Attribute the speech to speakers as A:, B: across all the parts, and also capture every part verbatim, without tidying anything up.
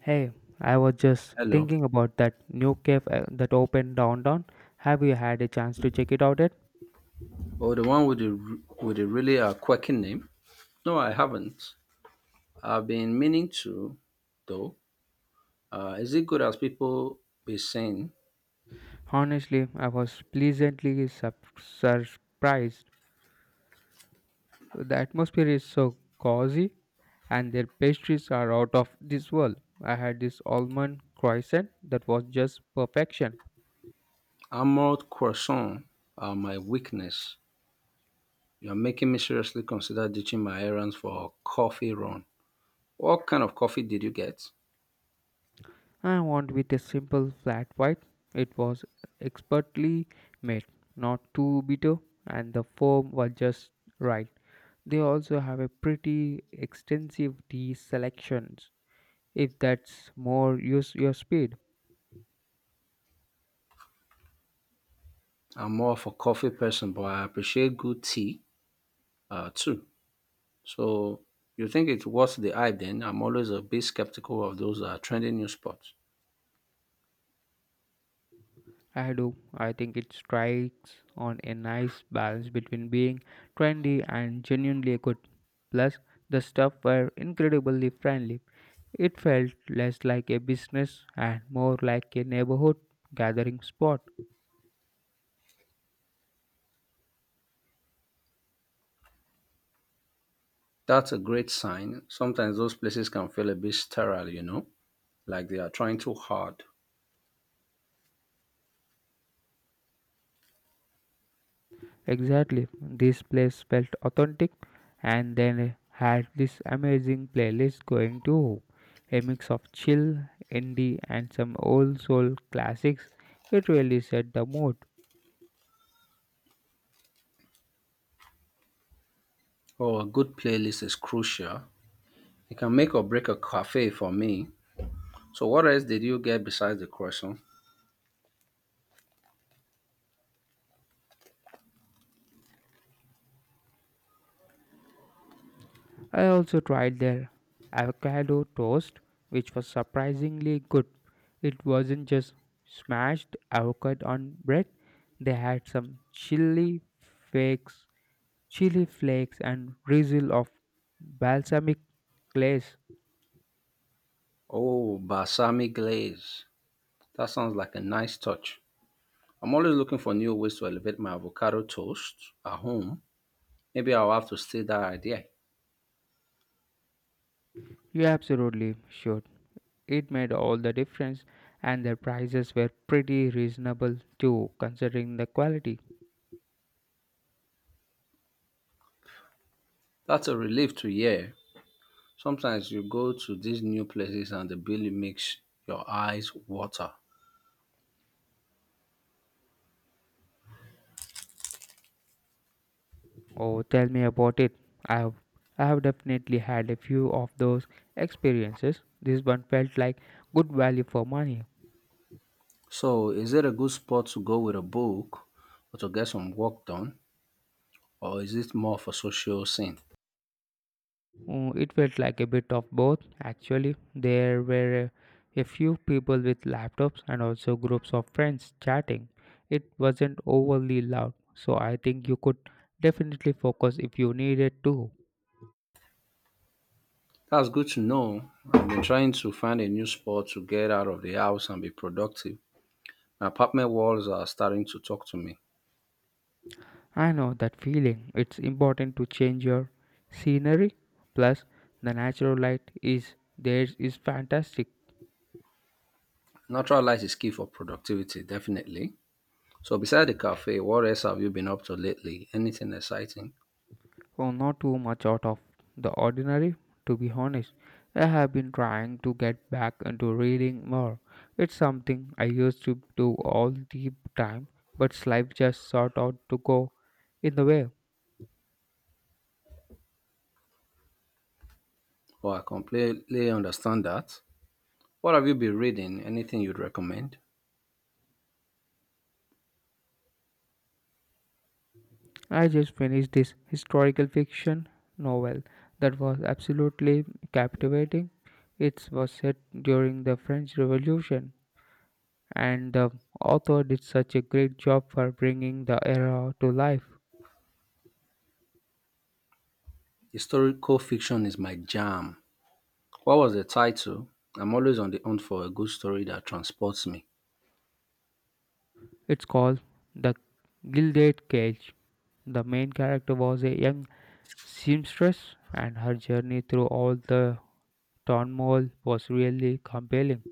A: Hey, I was just
B: Hello.
A: thinking about that new cafe uh, that opened downtown. Have you had a chance to check it out yet?
B: Oh, the one with the r- with the really uh, quirky name? No, I haven't. I've been meaning to, though. Uh, is it good as people be saying?
A: Honestly, I was pleasantly sup- surprised. The atmosphere is so cozy, and their pastries are out of this world. I had this almond croissant that was just perfection.
B: Armored croissant are my weakness. You're making me seriously consider ditching my errands for a coffee run. What kind of coffee did you get?
A: I want with a simple flat white. It was expertly made, not too bitter, and the foam was just right. They also have a pretty extensive tea selections if that's more use your speed.
B: I'm more of a coffee person, but I appreciate good tea uh, too. So you think it's worth the hype then? I'm always a bit skeptical of those uh, trendy new spots.
A: I do. I think it strikes on a nice balance between being trendy and genuinely good. Plus, the stuff were incredibly friendly. It felt less like a business and more like a neighborhood gathering spot.
B: That's a great sign. Sometimes those places can feel a bit sterile, you know, like they are trying too hard.
A: Exactly. This place felt authentic and then had this amazing playlist going too. A mix of chill, indie and some old soul classics. It really set the mood.
B: Oh, a good playlist is crucial. It can make or break a cafe for me. So, what else did you get besides the croissant?
A: I also tried their avocado toast which was surprisingly good. It wasn't just smashed avocado on bread. They had some chili flakes, chili flakes and drizzle of balsamic glaze.
B: Oh, balsamic glaze. That sounds like a nice touch. I'm always looking for new ways to elevate my avocado toast at home. Maybe I'll have to steal that idea.
A: You absolutely should. It made all the difference, and their prices were pretty reasonable too, considering the quality.
B: That's a relief to hear. Sometimes you go to these new places and the bill makes your eyes water.
A: Oh, tell me about it. I have, I have definitely had a few of those experiences. This one felt like good value for money.
B: So, is it a good spot to go with a book or to get some work done, or is it more for social scene?
A: Mm, It felt like a bit of both, actually. There were a, a few people with laptops and also groups of friends chatting. It wasn't overly loud, so I think you could definitely focus if you needed to.
B: That's good to know. I've been trying to find a new spot to get out of the house and be productive. My apartment walls are starting to talk to me.
A: I know that feeling. It's important to change your scenery. Plus, the natural light is there is fantastic.
B: Natural light is key for productivity, definitely. So, beside the cafe, what else have you been up to lately? Anything exciting?
A: Oh, not too much out of the ordinary, to be honest. I have been trying to get back into reading more. It's something I used to do all the time, but life just sort out to go in the way.
B: Oh, I completely understand that. What have you been reading? Anything you'd recommend?
A: I just finished this historical fiction novel that was absolutely captivating. It was set during the French Revolution, and the author did such a great job for bringing the era to life.
B: Historical fiction is my jam. What was the title? I'm always on the hunt for a good story that transports me.
A: It's called The Gilded Cage. The main character was a young seamstress, and her journey through all the turmoil was really compelling.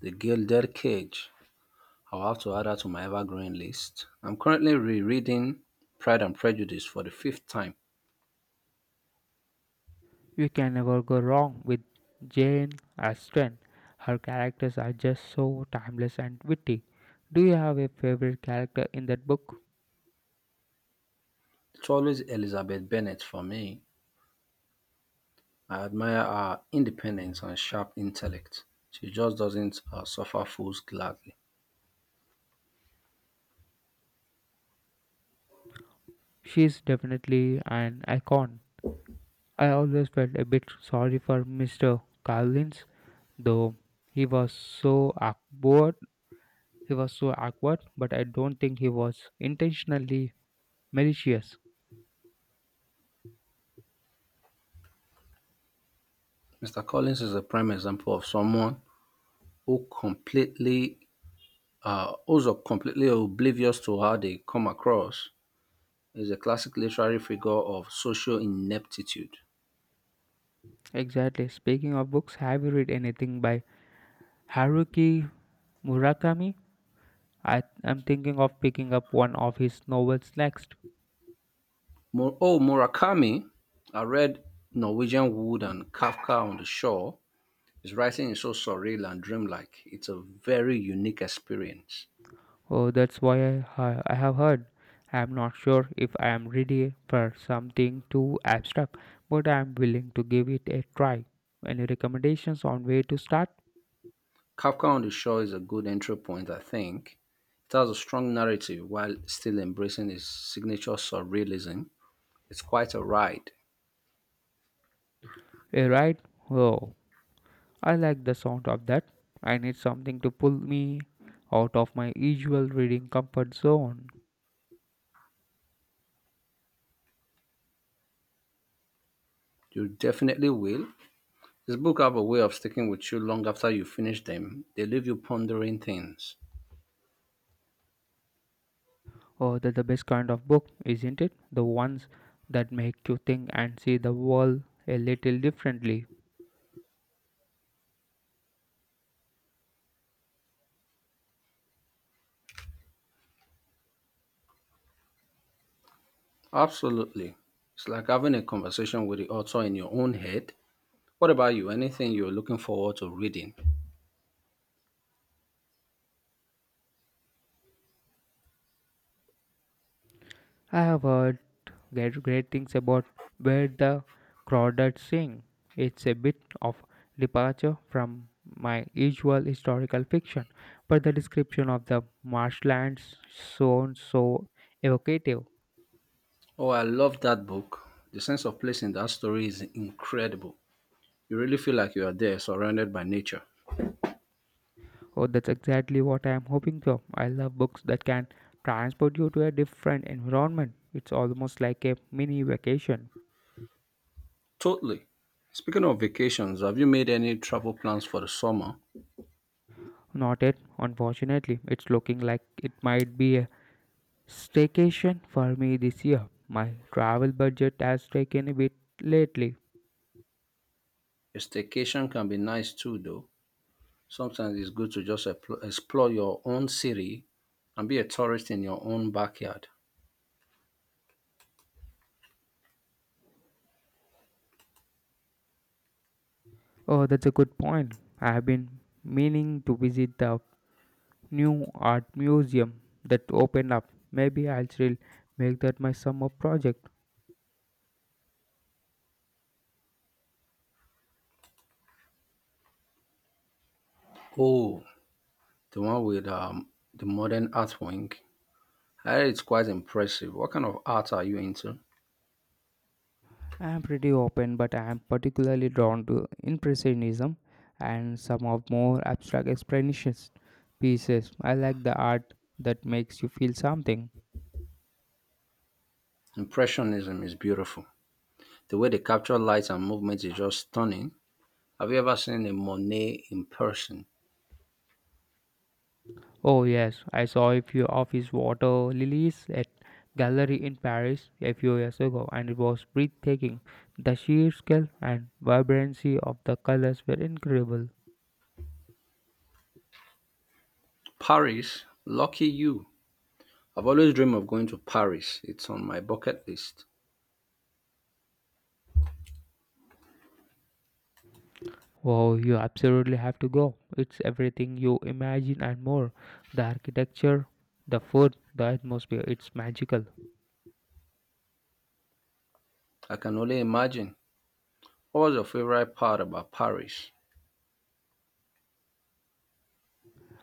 B: The Gilded Cage. I'll have to add that to my evergreen list. I'm currently rereading Pride and Prejudice for the fifth time.
A: You can never go wrong with Jane Austen. Her characters are just so timeless and witty. Do you have a favorite character in that book?
B: It's always Elizabeth Bennet for me. I admire her independence and sharp intellect. She just doesn't uh, suffer fools gladly.
A: She's definitely an icon. I always felt a bit sorry for Mister Collins, though he was so awkward. He was so awkward, but I don't think he was intentionally malicious.
B: mister Collins is a prime example of someone who completely, uh, who's completely oblivious to how they come across is a classic literary figure of social ineptitude.
A: Exactly. Speaking of books, have you read anything by Haruki Murakami? I am thinking of picking up one of his novels next.
B: Mur- oh, Murakami, I read Norwegian Wood and Kafka on the Shore. His writing is so surreal and dreamlike. It's a very unique experience.
A: Oh, that's why I, I have heard. I am not sure if I am ready for something too abstract, but I am willing to give it a try. Any recommendations on where to start?
B: Kafka on the Shore is a good entry point, I think. It has a strong narrative while still embracing his signature surrealism. It's quite a ride.
A: A ride? Oh, I like the sound of that. I need something to pull me out of my usual reading comfort zone.
B: You definitely will. His books have a way of sticking with you long after you finish them. They leave you pondering things.
A: Oh, that's the best kind of book, isn't it? The ones that make you think and see the world a little differently.
B: Absolutely. It's like having a conversation with the author in your own head. What about you? Anything you're looking forward to reading?
A: I have heard great, great things about where the crawdads sing. It's a bit of departure from my usual historical fiction, but the description of the marshlands sounds so evocative.
B: Oh, I love that book. The sense of place in that story is incredible. You really feel like you are there, surrounded by nature.
A: Oh, that's exactly what I am hoping for. I love books that can transport you to a different environment. It's almost like a mini vacation.
B: Totally. Speaking of vacations, have you made any travel plans for the summer?
A: Not yet, unfortunately. It's looking like it might be staycation for me this year. My travel budget has taken a bit lately.
B: A staycation can be nice too, though. Sometimes it's good to just epl- explore your own city and be a tourist in your own backyard.
A: Oh, that's a good point. I have been meaning to visit the new art museum that opened up. Maybe I'll still make that my summer project.
B: Oh, the one with um, the modern art wing. I heard it's quite impressive. What kind of art are you into?
A: I am pretty open, but I am particularly drawn to Impressionism and some of more abstract expressionist pieces. I like the art that makes you feel something.
B: Impressionism is beautiful. The way they capture light and movement is just stunning. Have you ever seen a Monet in person?
A: Oh, yes, I saw a few of his water lilies at gallery in Paris a few years ago, and it was breathtaking. The sheer scale and vibrancy of the colors were incredible.
B: Paris? Lucky you. I've always dreamed of going to Paris. It's on my bucket list.
A: Oh, you absolutely have to go. It's everything you imagine and more. The architecture, the food, the atmosphere, it's magical.
B: I can only imagine. What was your favorite part about Paris?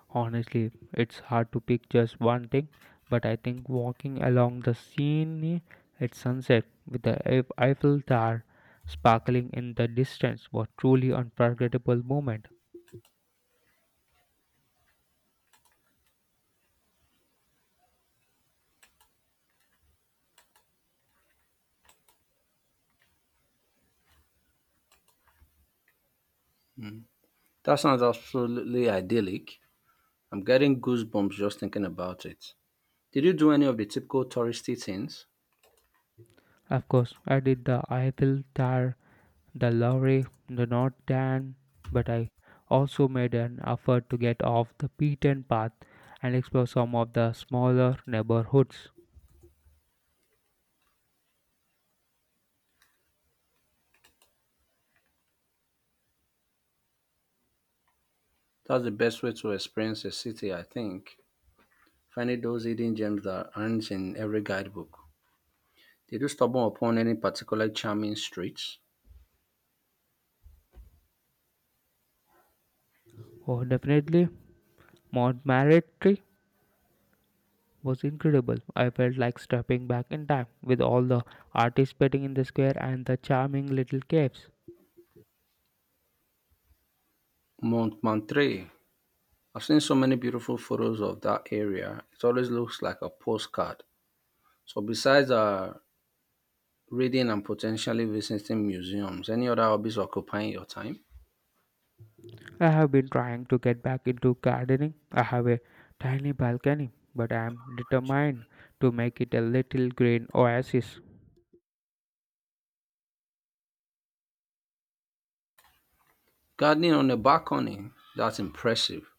A: Honestly, it's hard to pick just one thing, but I think walking along the Seine at sunset with the Eif- Eiffel Tower sparkling in the distance was truly unforgettable moment.
B: That sounds absolutely idyllic. I'm getting goosebumps just thinking about it. Did you do any of the typical touristy things?
A: Of course, I did the Eiffel Tower, the Loire, the North Dan, but I also made an effort to get off the beaten path and explore some of the smaller neighborhoods.
B: That's the best way to experience a city, I think. Finding those hidden gems that aren't in every guidebook. Did you stumble upon any particular charming streets?
A: Oh, definitely, Montmartre was incredible. I felt like stepping back in time with all the artists painting in the square and the charming little caves.
B: Montmartre. I've seen so many beautiful photos of that area. It always looks like a postcard. So, besides uh, reading and potentially visiting museums, any other hobbies occupying your time?
A: I have been trying to get back into gardening. I have a tiny balcony, but I am determined to make it a little green oasis.
B: Gardening on the balcony. That's impressive.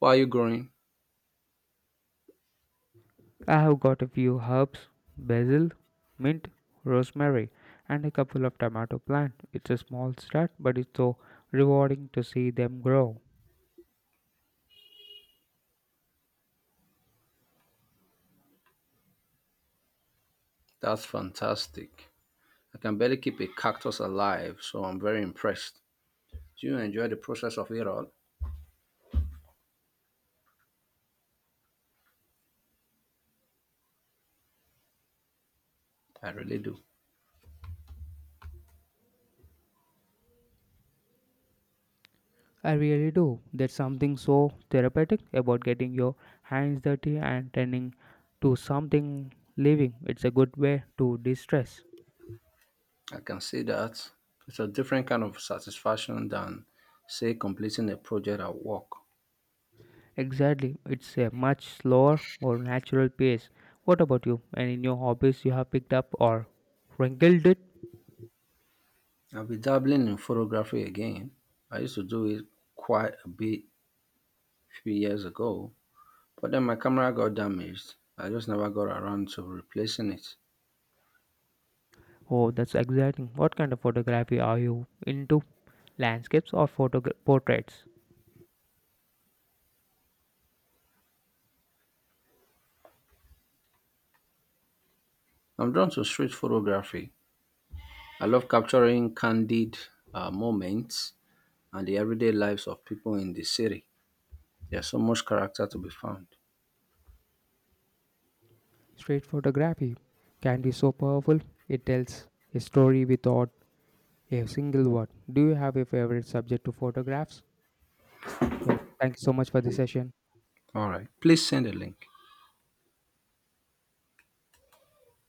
B: What are you growing?
A: I have got a few herbs, basil, mint, rosemary, and a couple of tomato plants. It's a small start, but it's so rewarding to see them grow.
B: That's fantastic. I can barely keep a cactus alive, so I'm very impressed. Do you enjoy the process of it all? I really do.
A: I really do. There's something so therapeutic about getting your hands dirty and turning to something living. It's a good way to distress.
B: I can see that. It's a different kind of satisfaction than, say, completing a project at work.
A: Exactly. It's a much slower, more natural pace. What about you? Any new hobbies you have picked up or wrinkled it?
B: I'll be dabbling in photography again. I used to do it quite a bit a few years ago, but then my camera got damaged. I just never got around to replacing it.
A: Oh, that's exciting. What kind of photography are you into? Landscapes or photo portraits?
B: I'm drawn to street photography. I love capturing candid uh, moments and the everyday lives of people in the city. There's so much character to be found.
A: Street photography can be so powerful. It tells a story without a single word. Do you have a favorite subject to photographs? Yeah. Thank you so much for this session.
B: All right, please send a link.